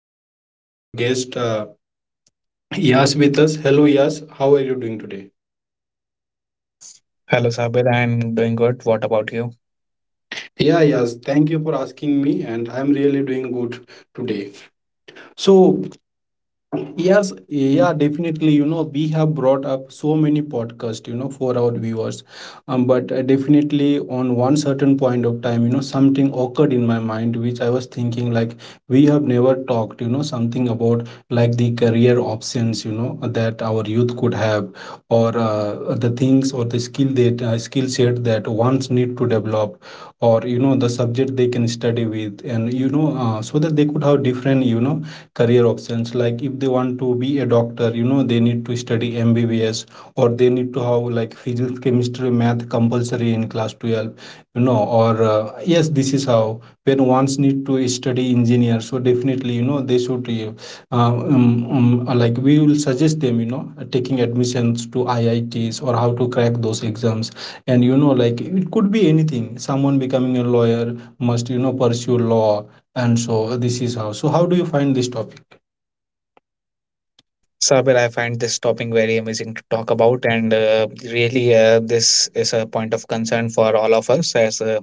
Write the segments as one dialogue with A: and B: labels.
A: again, we have our guest Yas with us. Hello, Yas. How are you doing today?
B: Hello, Sabir. I'm doing good. What about you?
A: Yeah, Yas. Thank you for asking me, and I'm really doing good today. So, yes, yeah, definitely. You know, we have brought up so many podcasts, you know, for our viewers. But Definitely, on one certain point of time, you know, something occurred in my mind, which I was thinking, like, we have never talked, you know, something about like the career options, you know, that our youth could have, or the things or the skill that skill set that ones need to develop, or you know, the subject they can study with, and you know, so that they could have different, you know, career options. Like if they want to be a doctor, you know, they need to study mbbs, or they need to have like physics, chemistry, math compulsory in class 12. You know, or yes, this is how when ones need to study engineer. So definitely, you know, they should um, um, like we will suggest them, you know, taking admissions to iits or how to crack those exams. And you know, like it could be anything, someone becoming a lawyer must, you know, pursue law. And so this is how. So how do you find this topic?
B: Sabir, I find this topic very amazing to talk about, and this is a point of concern for all of us. As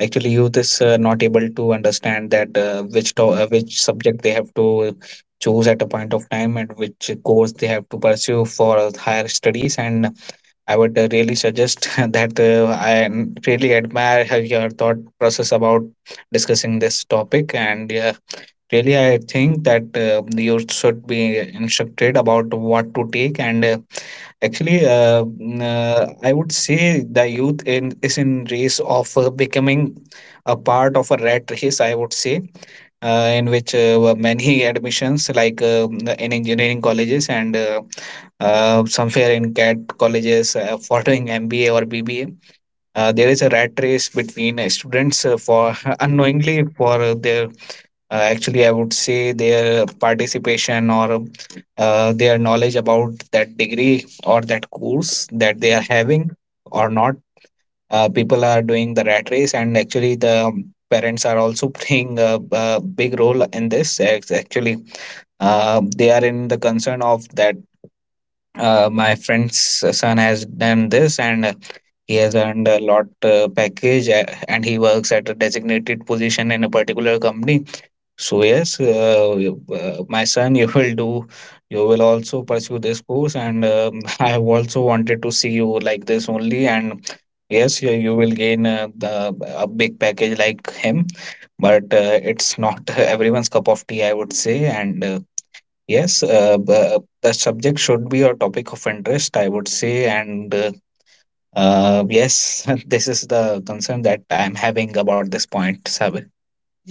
B: actually, youth is not able to understand which subject they have to choose at a point of time, and which course they have to pursue for higher studies. And I would really suggest that I really admire your thought process about discussing this topic and. Really, I think that you should be instructed about what to take. And I would say the youth is in race of becoming a part of a rat race, I would say, in which many admissions, like in engineering colleges and somewhere in CAT colleges, following MBA or BBA. There is a rat race between students for unknowingly
A: Mm.
B: for their actually I would say their participation, or their knowledge about that degree or that course that they are having or not. People are doing the rat race, and actually the parents are also playing a big role in this. It's actually they are in the concern of that my friend's son has done this, and he has earned a lot package, and he works at a designated position in a particular company. So yes, my son, you will do, you will also pursue this course, and I have also wanted to see you like this only. And yes, you will gain the a big package like him, but it's not everyone's cup of tea, I would say. And yes, the subject should be a topic of interest, I would say, and. Yes, this is the concern that I'm having about this point, Sabir.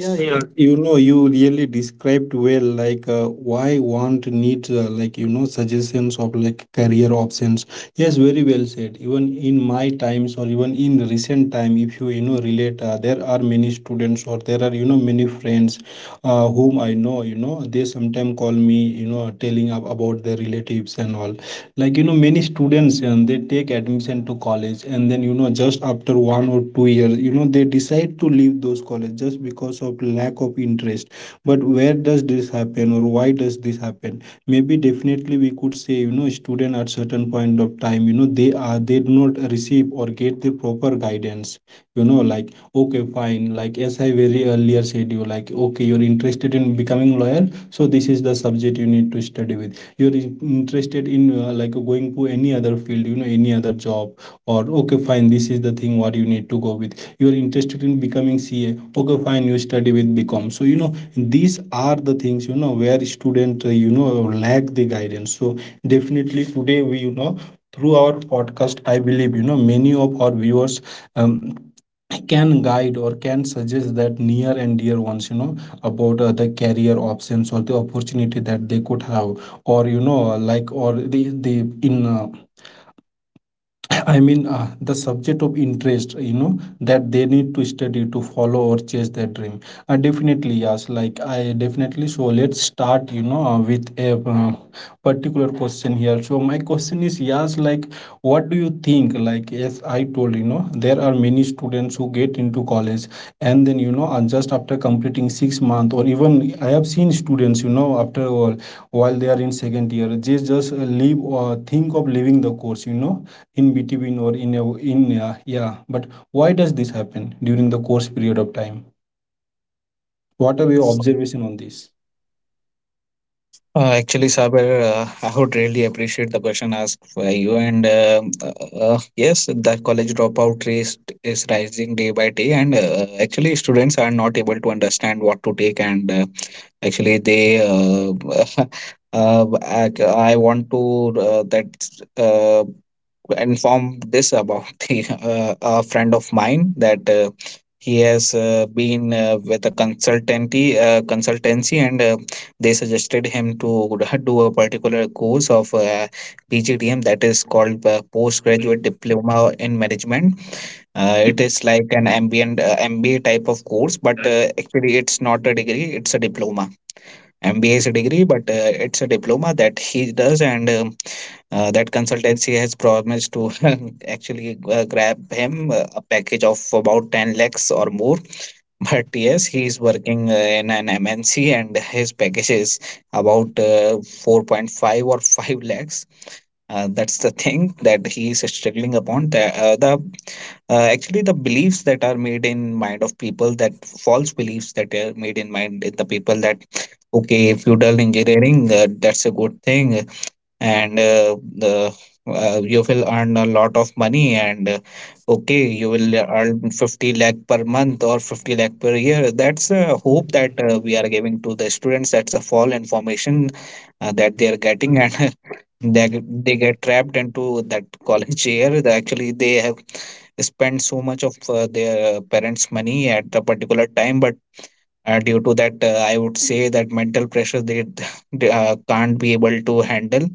A: Yeah, yeah. You know, you really described well, like why want need like you know, suggestions of like career options. Yes, very well said. Even in my times, or even in recent time, if you you know relate, there are many students, or there are you know many friends, whom I know. You know, they sometimes call me, you know, telling about their relatives and all. Like you know, many students, and they take admission to college, and then you know, just after 1 or 2 years, you know, they decide to leave those college just because of lack of interest. But where does this happen or why does this happen? Maybe definitely we could say, you know, student at certain point of time, you know, they do not receive or get the proper guidance. You know, like okay fine, like as I very earlier said you, like okay, you're interested in becoming lawyer, so this is the subject you need to study with. You're interested in like going to any other field, you know, any other job, or okay fine, this is the thing what you need to go with. You're interested in becoming ca, okay fine, you study with bcom. So you know, these are the things, you know, where student you know, lack the guidance. So definitely today we, you know, through our podcast, I believe you know, many of our viewers um, can guide or can suggest that near and dear ones, you know, about the career options or the opportunity that they could have, or you know, like or the in I mean, the subject of interest, you know, that they need to study to follow or chase their dream. Definitely, yes. Like, I definitely. So, let's start, you know, with a particular question here. So, my question is, yes, like, what do you think? Like, as I told, you know, there are many students who get into college, and then, you know, just after completing 6 months, or even I have seen students, you know, after all, while they are in second year, they just leave or think of leaving the course, you know, in between or in a, yeah, but why does this happen during the course period of time? What are your observation on this?
B: Actually, Sabir, I would really appreciate the question asked by you. And Yes, the college dropout rate is rising day by day. And actually, students are not able to understand what to take. And actually, they, I want to that uh, informed this about a friend of mine that he has been with a consultancy and they suggested him to do a particular course of PGDM, that is called postgraduate diploma in management. It is like an ambient MBA type of course, but actually, it's not a degree, it's a diploma. MBA is a degree, but it's a diploma that he does, and that consultancy has promised to actually grab him a package of about 10 lakhs or more. But yes, he is working in an MNC, and his package is about 4.5 or 5 lakhs. That's the thing that he is struggling upon. The beliefs that are made in mind of people, that false beliefs that are made in mind in the people, that okay, feudal engineering, that's a good thing and the you will earn a lot of money, and okay, you will earn 50 lakh per month or 50 lakh per year. That's a hope that we are giving to the students. That's a false information that they are getting, and they get trapped into that college year. They actually they have spent so much of their parents money at a particular time, but due to that I would say that mental pressure, they, they can't be able to handle,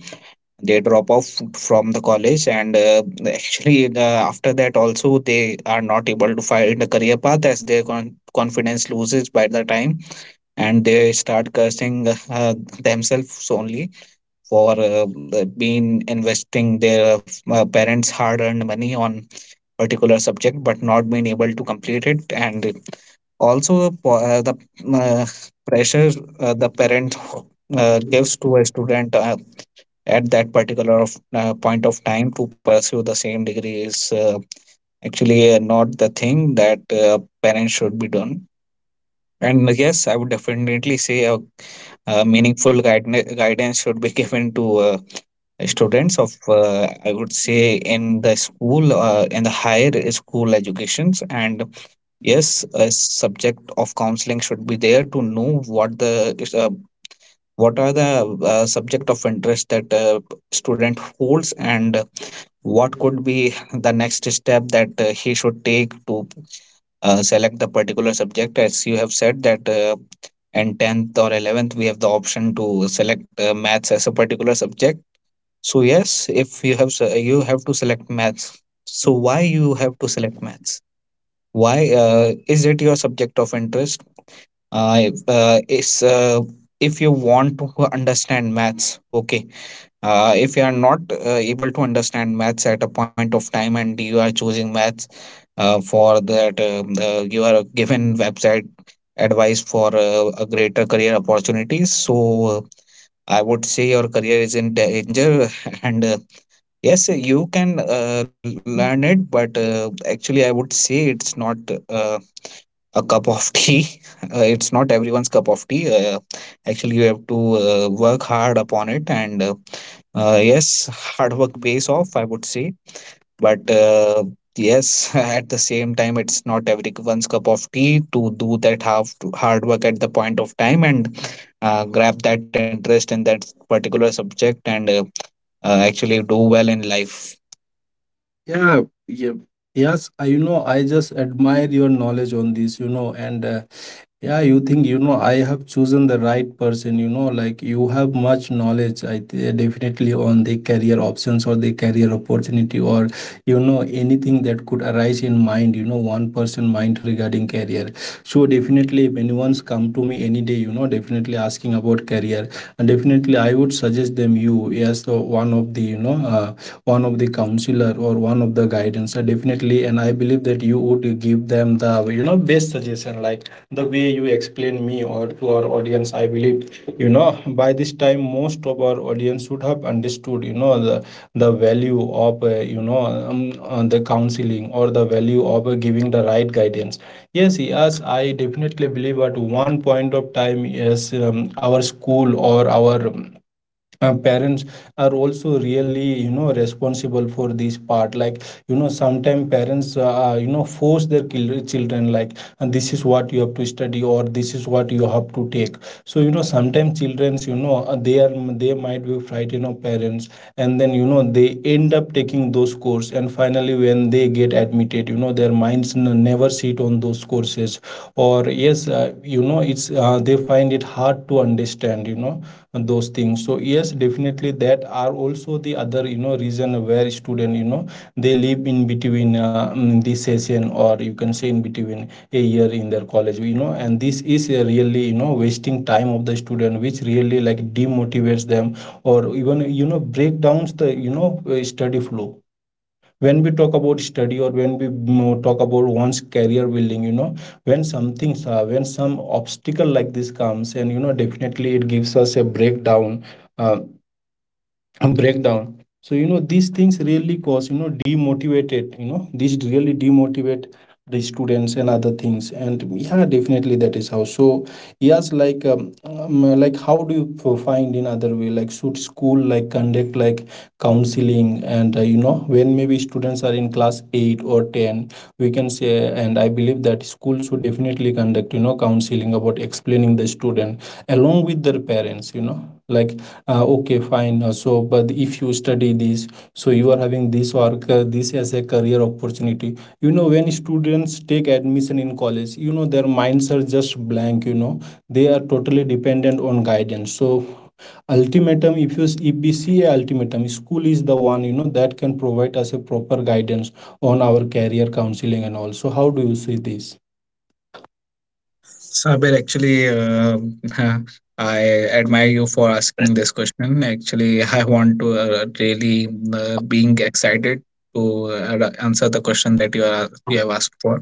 B: they drop off from the college. And actually after that also they are not able to find a career path, as their confidence loses by the time, and they start cursing themselves only for been investing their parents' hard-earned money on particular subject, but not been able to complete it. And also the uh, pressure the parent gives to a student at that particular point of time to pursue the same degree, is actually not the thing that parents should be done. And yes, I would definitely say a meaningful guidance should be given to students of I would say in the school, in the higher school educations. And yes, a subject of counseling should be there to know what are the subject of interest that student holds, and what could be the next step that he should take to select the particular subject. As you have said that in 10th or 11th we have the option to select maths as a particular subject. So yes, if you have you have to select maths. So why you have to select maths? Why is it your subject of interest? Uh, if, uh, is uh, if you want to understand maths, okay. If you are not able to understand maths at a point of time, and you are choosing maths you are given website advice for a greater career opportunities. So I would say your career is in danger and yes, you can learn it, but actually, I would say it's not uh, a cup of tea. It's not everyone's cup of tea. Actually, you have to work hard upon it, and yes, hard work pays off, I would say. But yes, at the same time, it's not everyone's cup of tea to do that half hard work at the point of time, and grab that interest in that particular subject, and actually do well in life.
A: Yeah, yeah. Yes, I, you know, i just admire your knowledge on this, you know, and yeah, you think you know i have chosen the right person, you know, like you have much knowledge, definitely on the career options or the career opportunity, or you know anything that could arise in mind, you know, one person mind regarding career. So definitely if anyone's come to me any day, you know, definitely asking about career, and definitely I would suggest them you as the one of the, you know, one of the counselor or one of the guidance. Definitely, and I believe that you would give them the you know best suggestion, like the way you explain me or to our audience. I believe you know, by this time, most of our audience should have understood, you know, the value of you know, the counseling, or the value of giving the right guidance. Yes, yes, I definitely believe at one point of time. Yes, our school or our parents are also really, you know, responsible for this part. Like, you know, sometimes parents, you know, force their children, like, and this is what you have to study, or this is what you have to take. So you know, sometimes childrens, you know, they are, they might be frightened of parents, and then you know, they end up taking those course. And finally when they get admitted, you know, their minds never sit on those courses. Or yes, you know, it's they find it hard to understand, you know, those things. So yes, definitely that are also the other, you know, reason where student, you know, they live in between session, or you can say in between a year in their college, you know. And this is a really, you know, wasting time of the student, which really like demotivates them, or even you know break downs the you know study flow. When we talk about study, or when we talk about one's career building, you know, when something when some obstacle like this comes, and you know, definitely it gives us a breakdown, uh, and breakdown. So you know, these things really cause you know, demotivated, you know, these really demotivate the students and other things. And yeah, definitely that is how. So yes, like how do you find in other way, like should school like conduct like counseling, and you know, when maybe students are in class 8 or 10, we can say. And I believe that school should definitely conduct, you know, counseling about explaining the student along with their parents, you know, like okay fine. So but if you study this, so you are having this or this as a career opportunity. You know, when students take admission in college, you know, their minds are just blank, you know, they are totally dependent on guidance. So ultimatum, if you if we see a ultimatum, school is the one, you know, that can provide us a proper guidance on our career counseling and all. So, how do you see this?
B: Sabir, actually, I admire you for asking this question. Actually, I want to really being excited to answer the question that you have asked for.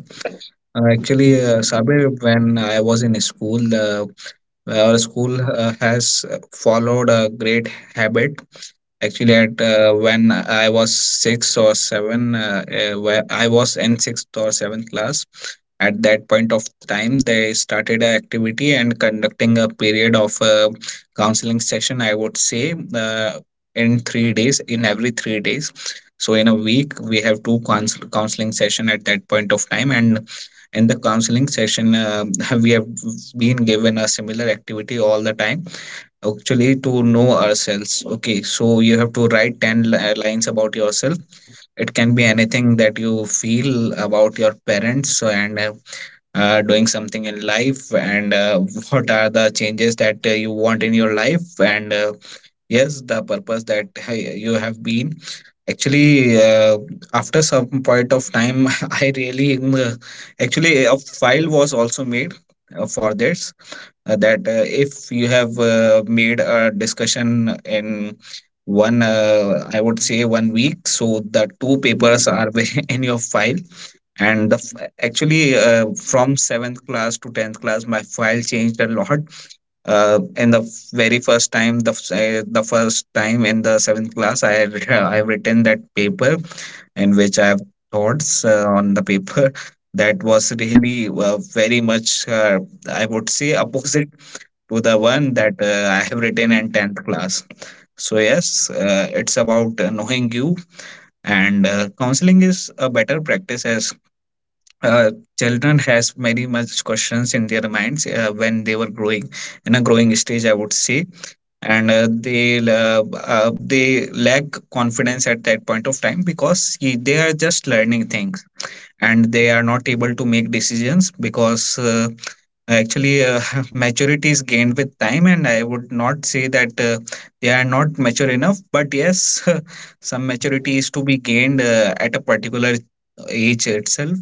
B: Sabir, when I was in school, our school has followed a great habit. Actually, at when I was six or seven, where I was in sixth or seventh class. At that point of time, they started an activity and conducting a period of counseling session, I would say, in 3 days, in every 3 days. So in a week we have two counseling session at that point of time. And in the counseling session, we have been given a similar activity all the time, actually to know ourselves. Okay, so you have to write 10 lines about yourself. It can be anything that you feel about your parents, and doing something in life, and what are the changes that you want in your life, and yes, the purpose that you have been. Actually after some point of time, I really actually a file was also made for this, that if you have made a discussion in one, I would say 1 week, so the 2 papers are in your file. And the f- actually from 7th class to 10th class my file changed a lot. uh, in the f- Very first time, the first time in the 7th class, I I've written that paper in which I have thoughts on the paper, that was really very much I would say opposite to the one that I have written in 10th class. So yes, it's about knowing you. And counseling is a better practice, as uh, children has very much questions in their minds when they were growing, in a growing stage, I would say. And they lack confidence at that point of time, because they are just learning things, and they are not able to make decisions. Because actually maturity is gained with time, and I would not say that they are not mature enough, but yes, some maturity is to be gained at a particular age itself.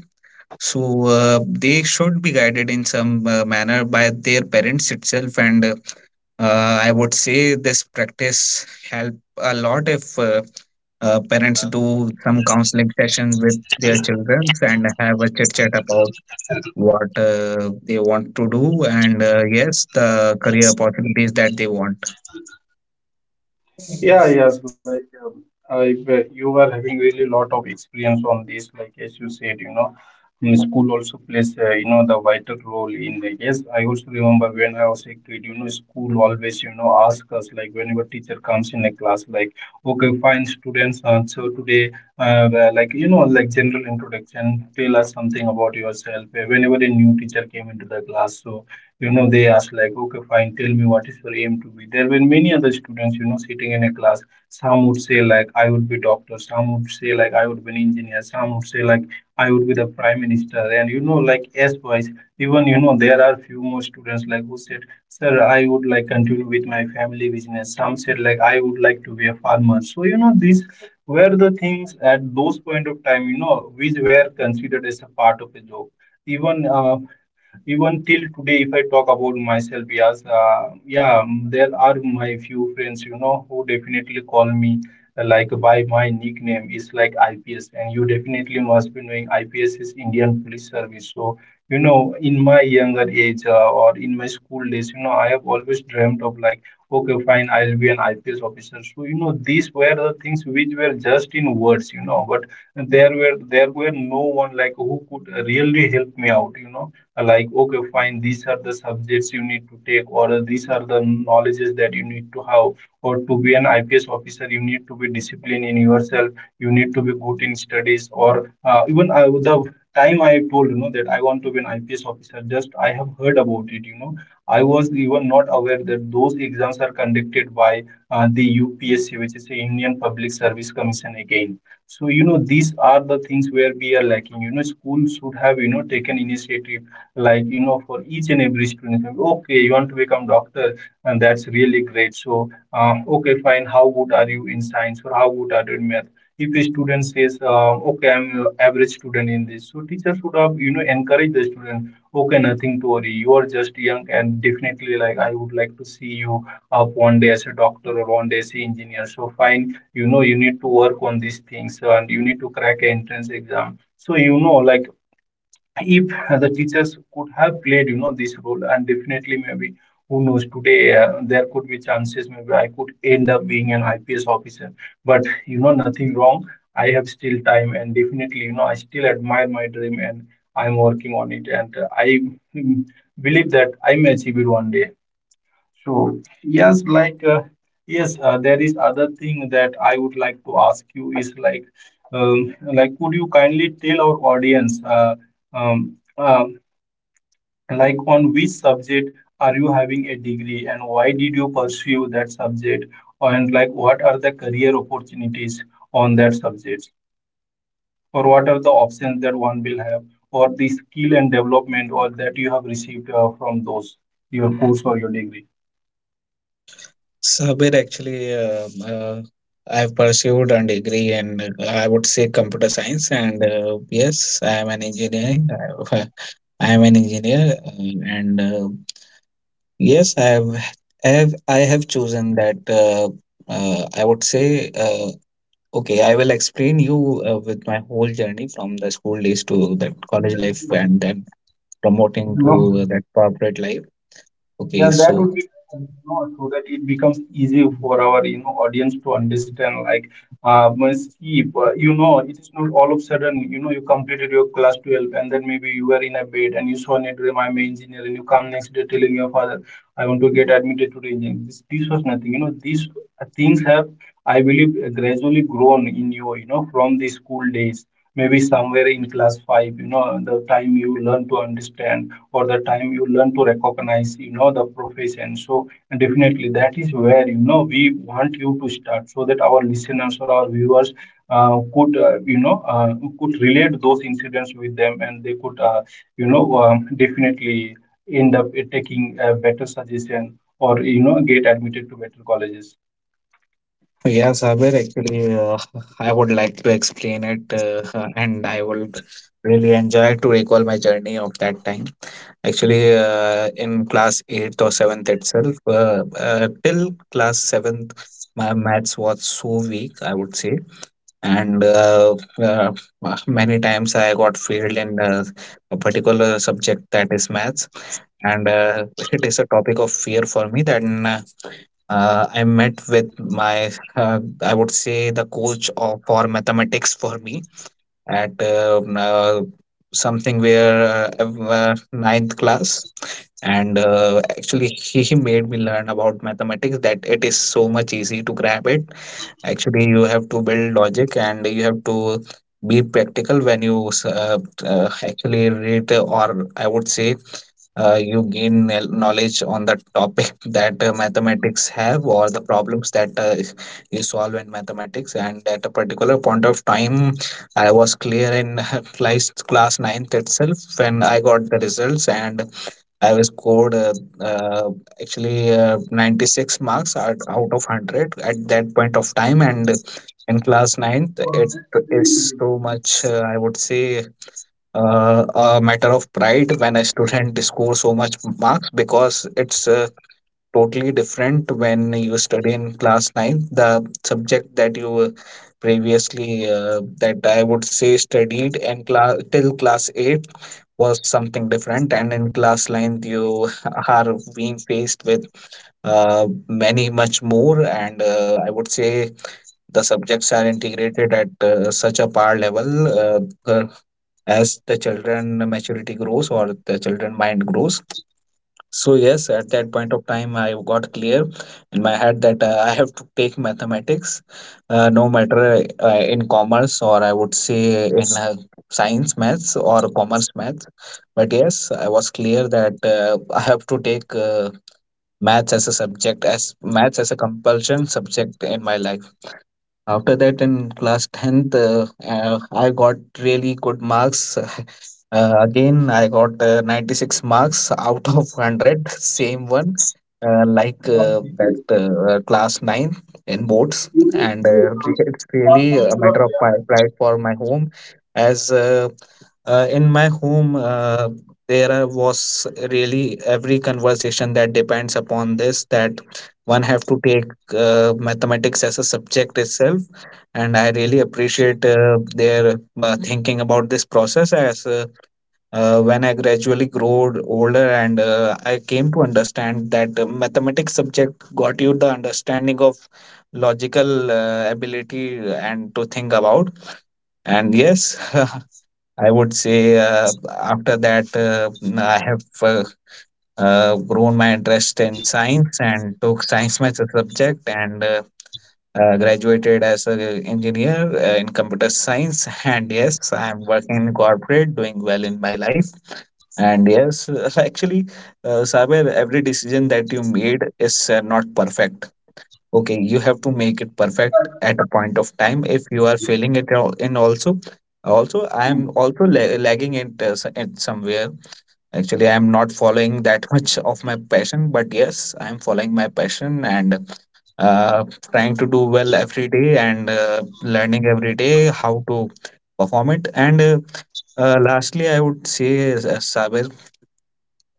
B: So they should be guided in some manner by their parents itself. And I would say this practice help a lot, if parents do some counseling session with their children and have a chit chat about what they want to do, and yes, the career opportunities that they want.
A: Yeah, yes, like I, bet you were having really lot of experience on this. Like as you said, you know, in school also plays you know, the vital role in. Like, yes, I also remember when I was a kid, you know, school always you know ask us, like whenever teacher comes in a class, like okay, fine, students, so today, like you know, like general introduction, tell us something about yourself. Whenever a new teacher came into the class, so you know they ask like, okay, fine, tell me what is your aim to be. There were many other students, you know, sitting in a class. Some would say like I would be doctor, some would say like I would be an engineer, some would say like I would be the prime minister, and you know, like as wise. Even you know there are few more students like who said, sir, I would like continue with my family business. Some said like I would like to be a farmer. So you know these were the things at those point of time, you know, which were considered as a part of a job. even uh, even till today if I talk about myself, yes, yeah, there are my few friends, you know, who definitely call me like by my nickname is like IPS, and you definitely must be knowing IPS is Indian Police Service. So you know in my younger age, or in my school days, you know, I have always dreamt of like, okay fine, I'll be an IPS officer. So you know these were the things which were just in words, you know, but there were no one like who could really help me out, you know, like okay fine, these are the subjects you need to take, or these are the knowledges that you need to have, or to be an IPS officer you need to be disciplined in yourself, you need to be good in studies, or even the time I told you know that I want to be an IPS officer, just I have heard about it, you know, I was even not aware that those exams are conducted by the UPSC, which is the Indian Public Service Commission again. So, you know, these are the things where we are lacking. You know, school should have, you know, taken initiative like you know for each and every student. Okay, you want to become doctor, and that's really great. So okay fine, how good are you in science, or how good are you in math? If a student says, okay I'm an average student in this, so teacher should have, you know, encourage the student. Okay, nothing to worry, you are just young and definitely like I would like to see you up one day as a doctor or one day as an engineer. So fine, you know, you need to work on these things and you need to crack an entrance exam. So you know like if the teachers could have played, you know, this role, and definitely maybe who knows today, there could be chances, maybe I could end up being an IPS officer. But you know, nothing wrong, I have still time, and definitely you know I still admire my dream, and I'm working on it. And uh, i mm, believe that I may achieve it one day. So yes, like yes, there is other thing that I would like to ask you is like would you kindly tell our audience, um, uh, like on which subject are you having a degree, and why did you pursue that subject, and like what are the career opportunities on that subject, or what are the options that one will have, or the skill and development or that you have received from those your course or your degree?
B: Sabir, actually, I've pursued a degree in, I would say, computer science, and yes, I am an engineering. Have- uh, I am an engineer, and yes, I have chosen that. I would say, okay, I will explain you with my whole journey from the school days to that college life, and then promoting to
A: No.
B: that corporate life. Okay,
A: Yeah, that
B: so.
A: would be better, you know, so that it becomes easy for our you know audience to understand. Like, once if, you know, it is not all of a sudden you know you completed your class 12 and then maybe you were in a bed and you saw net I'm an engineer, and you come next day telling your father I want to get admitted to the engineering. This was nothing. You know, these things have I believe gradually grown in you. You know, from the school days. Maybe somewhere in class 5, you know, the time you learn to understand, for the time you learn to recognize, you know, the profession. So definitely that is where you know we want you to start, so that our listeners or our viewers could you know could relate those incidents with them, and they could you know definitely end up taking a better suggestion or you know get admitted to better colleges.
B: Yeah, Sabir, actually, I would like to explain it, and I would really enjoy to recall my journey of that time. Actually, in class 8th or 7th itself, till class 7th, my maths was so weak, I would say. And uh, many times I got failed in a particular subject, that is maths. And it is a topic of fear for me. Then I met with my, I would say, the coach of, for mathematics for me at something where ninth class, and actually he made me learn about mathematics, that it is so much easy to grab it. Actually, you have to build logic and you have to be practical when you actually read, or I would say, you gain knowledge on the topic that mathematics have, or the problems that you solve in mathematics. And at a particular point of time, I was clear in class ninth itself when I got the results. And I was scored uh, actually 96 marks out of 100 at that point of time. And in class ninth, it is so much, I would say, uh, a matter of pride when a student scores so much marks, because it's totally different. When you study in class 9, the subject that you previously, that I would say studied in class till class 8, was something different. And in class 9 you are being faced with uh, many much more, and I would say the subjects are integrated at such a par level, uh, uh, as the children maturity grows, or the children mind grows. So yes, at that point of time, I got clear in my head that I have to take mathematics, no matter in commerce, or I would say in science maths or commerce maths. But yes, I was clear that I have to take maths as a subject, as maths as a compulsion subject in my life. After that, in class 10th, I got really good marks. Again, I got 96 marks out of 100, same one, like that class 9 in boards. And it's really a matter of pride for my home, as in my home, there was really every conversation that depends upon this, that one have to take mathematics as a subject itself. And I really appreciate their thinking about this process, as when I gradually grew older and I came to understand that mathematics subject got you the understanding of logical ability and to think about. And yes, I would say, after that, I have, grown my interest in science and took science maths as a subject, and graduated as an engineer in computer science. And yes, I'm working in corporate, doing well in my life. And yes, actually, Saber, every decision that you made is not perfect. Okay, you have to make it perfect at a point of time. If you are failing it all in also, also I am also lagging it at somewhere. Actually, I'm not following that much of my passion, but yes, I'm following my passion and uh, trying to do well every day, and learning every day how to perform it. And lastly, I would say, Sabir,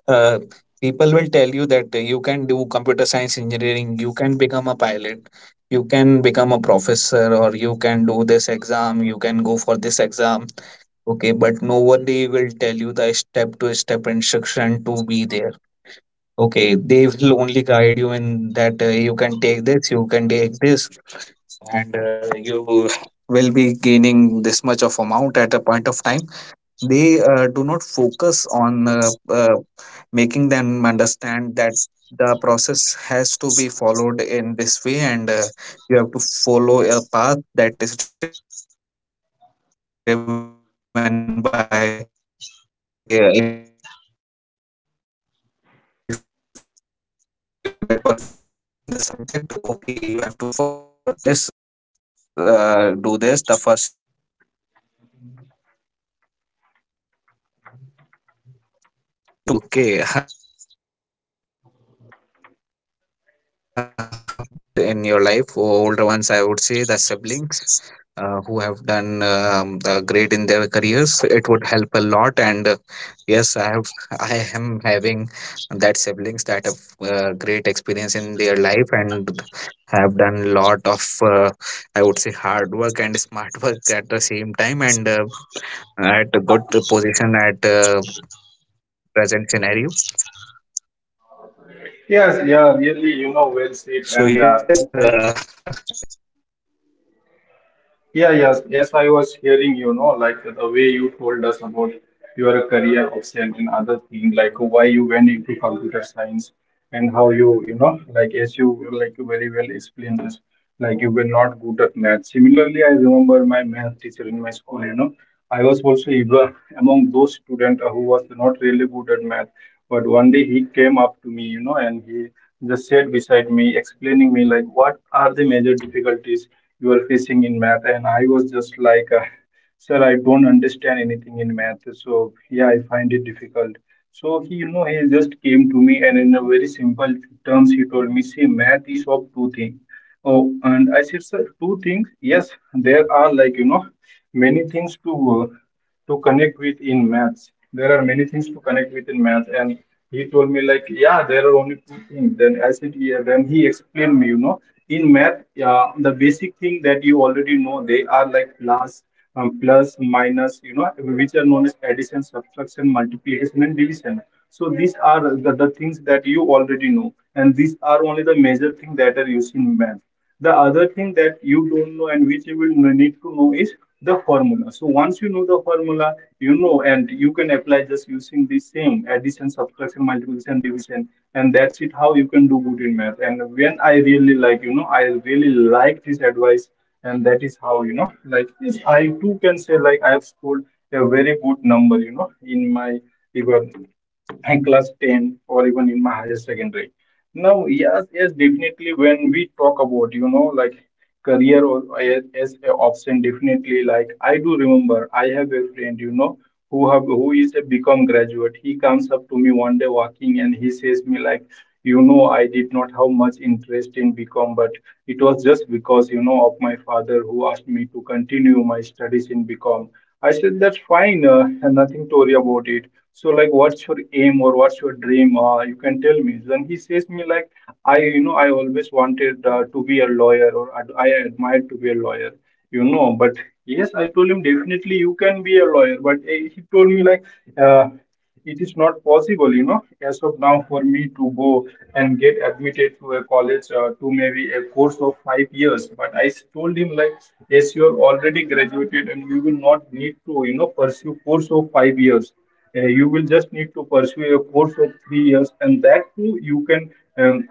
B: uh, people will tell you that you can do computer science engineering, you can become a pilot, you can become a professor, or you can do this exam, you can go for this exam. Okay, but nobody will tell you the step to step instruction to be there. Okay, they will only guide you in that you can take this, you can take this, and you will be gaining this much of amount at a point of time. They do not focus on making them understand that the process has to be followed in this way, and you have to follow a path that is driven by, you have to firstly learn this subject, and okay, if you get perfect in this subject, okay, you have to further being a hand on this subject, and you have to this do this, the first step is this, and you have to move forward like this way. Okay, no one will tell you about this, okay. But yes, if you have older ones in your life, or older ones, I would say the siblings who have done great in their careers, it would help a lot. And yes, I have, I am having that siblings that have great experience in their life and have done lot of uh, I would say hard work and smart work at the same time. And at a good position at present scenario. So yes, it was a
A: Yes,
B: favor
A: yeah,
B: for
A: really,
B: me
A: you know, well said.
B: at
A: And
B: that
A: uh,
B: point
A: as
B: of
A: I
B: time.
A: yeah, yes, yes, I was hearing, you know, like the way you told us about your career option and other thing, like why you went into computer science and how you, you know, like as you like very well explained this, like you were not good at math. Similarly, I remember my math teacher in my school, you know, I was also among those students who was not really good at math. But one day he came up to me, you know, and he just sat beside me, explaining me like what are the major difficulties you are facing in math. And I was just like, sir, I don't understand anything in math. So yeah, I find it difficult. So he, you know, he just came to me and in a very simple terms, he told me, see, math is of two things. Oh, and I said, sir, two things? Yes, there are like, you know, many things uh, to connect with in maths. There are many things to connect with in math. And he told me like, yeah, there are only two things. Then I said, yeah. Then he explained me, you know, in math, the basic thing that you already know, they are like plus, plus, minus, you know, which are known as addition, subtraction, multiplication, and division. So these are the things that you already know, and these are only the major things that are used in math. The other thing that you don't know and which you will need to know is the formula. So once you know the formula, you know, and you can apply just using the same addition, subtraction, multiplication, division, and that's it. How you can do good in math. And when I really like, you know, I really like this advice, and that is how you know, like, yes, I too can say like I have scored a very good number, you know, in my even in class 10 or even in my higher secondary. Now, yes, yes, definitely. When we talk about, you know, like career or as a option, definitely. Like I do remember, I have a friend, you know, who is a become graduate. He comes up to me one day walking, and he says me like, you know, I did not have much interest in become, but it was just because you know of my father who asked me to continue my studies in become. I said, that's fine, and nothing to worry about it. So, like, what's your aim or what's your dream? You can tell me. Then he says me like, I, you know, I always wanted to be a lawyer or I admired to be a lawyer, you know. But yes, I told him definitely you can be a lawyer. But eh, he told me like, uh, it is not possible, you know, as of now for me to go and get admitted to a college to maybe a course of 5 years. But told him like, yes, you are already graduated and you will not need to, you know, pursue course of 5 years. You will just need to pursue a course of 3 years, and that too you can. Um,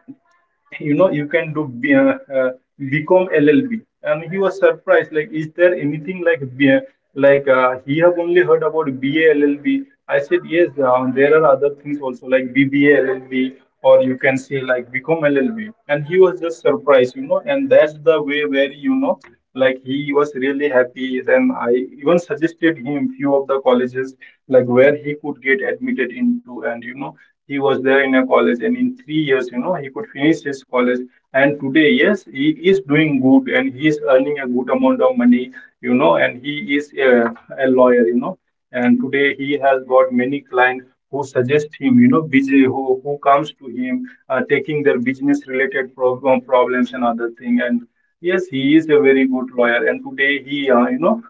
A: you know you can do become LLB. And he was surprised like, is there anything like A? Like he have only heard about BA LLB. I said, yes, there are other things also like BBA LLB, or you can say like become LLB. And he was just surprised, you know, and that's the way where you know like he was really happy. Then I even suggested him few of the colleges like where he could get admitted into, and you know he was there in a college and in 3 years, you know, he could finish his college. And today, yes, he is doing good and he is earning a good amount of money, you know, and he is a lawyer, you know, and today he has got many clients who suggest him, you know, busy who comes to him taking their business related problems and other thing. And yes, he is a very good lawyer, and today he you know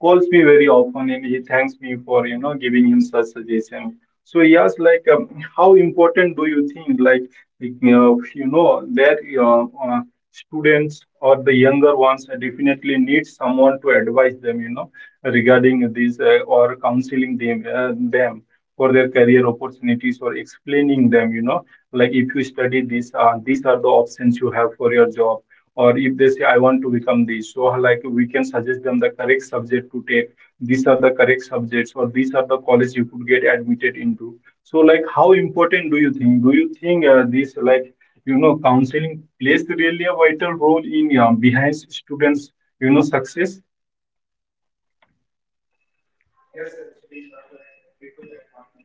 A: calls me very often, and he thanks me for you know giving him such suggestion. So yes, like how important do you think, like you know, that students or the younger ones definitely need someone to advise them, you know, regarding these or counseling them, them for their career opportunities, or explaining them you know like if you study this these are the options you have for your job, or if they say I want to become this, so like we can suggest them the correct subject to take, these are the correct subjects, or these are the college you could get admitted into. So like, how important do you think, this like you know counseling plays really a vital role in behind students, you know, success?
B: Yes, actually, Saber, I agree to that point that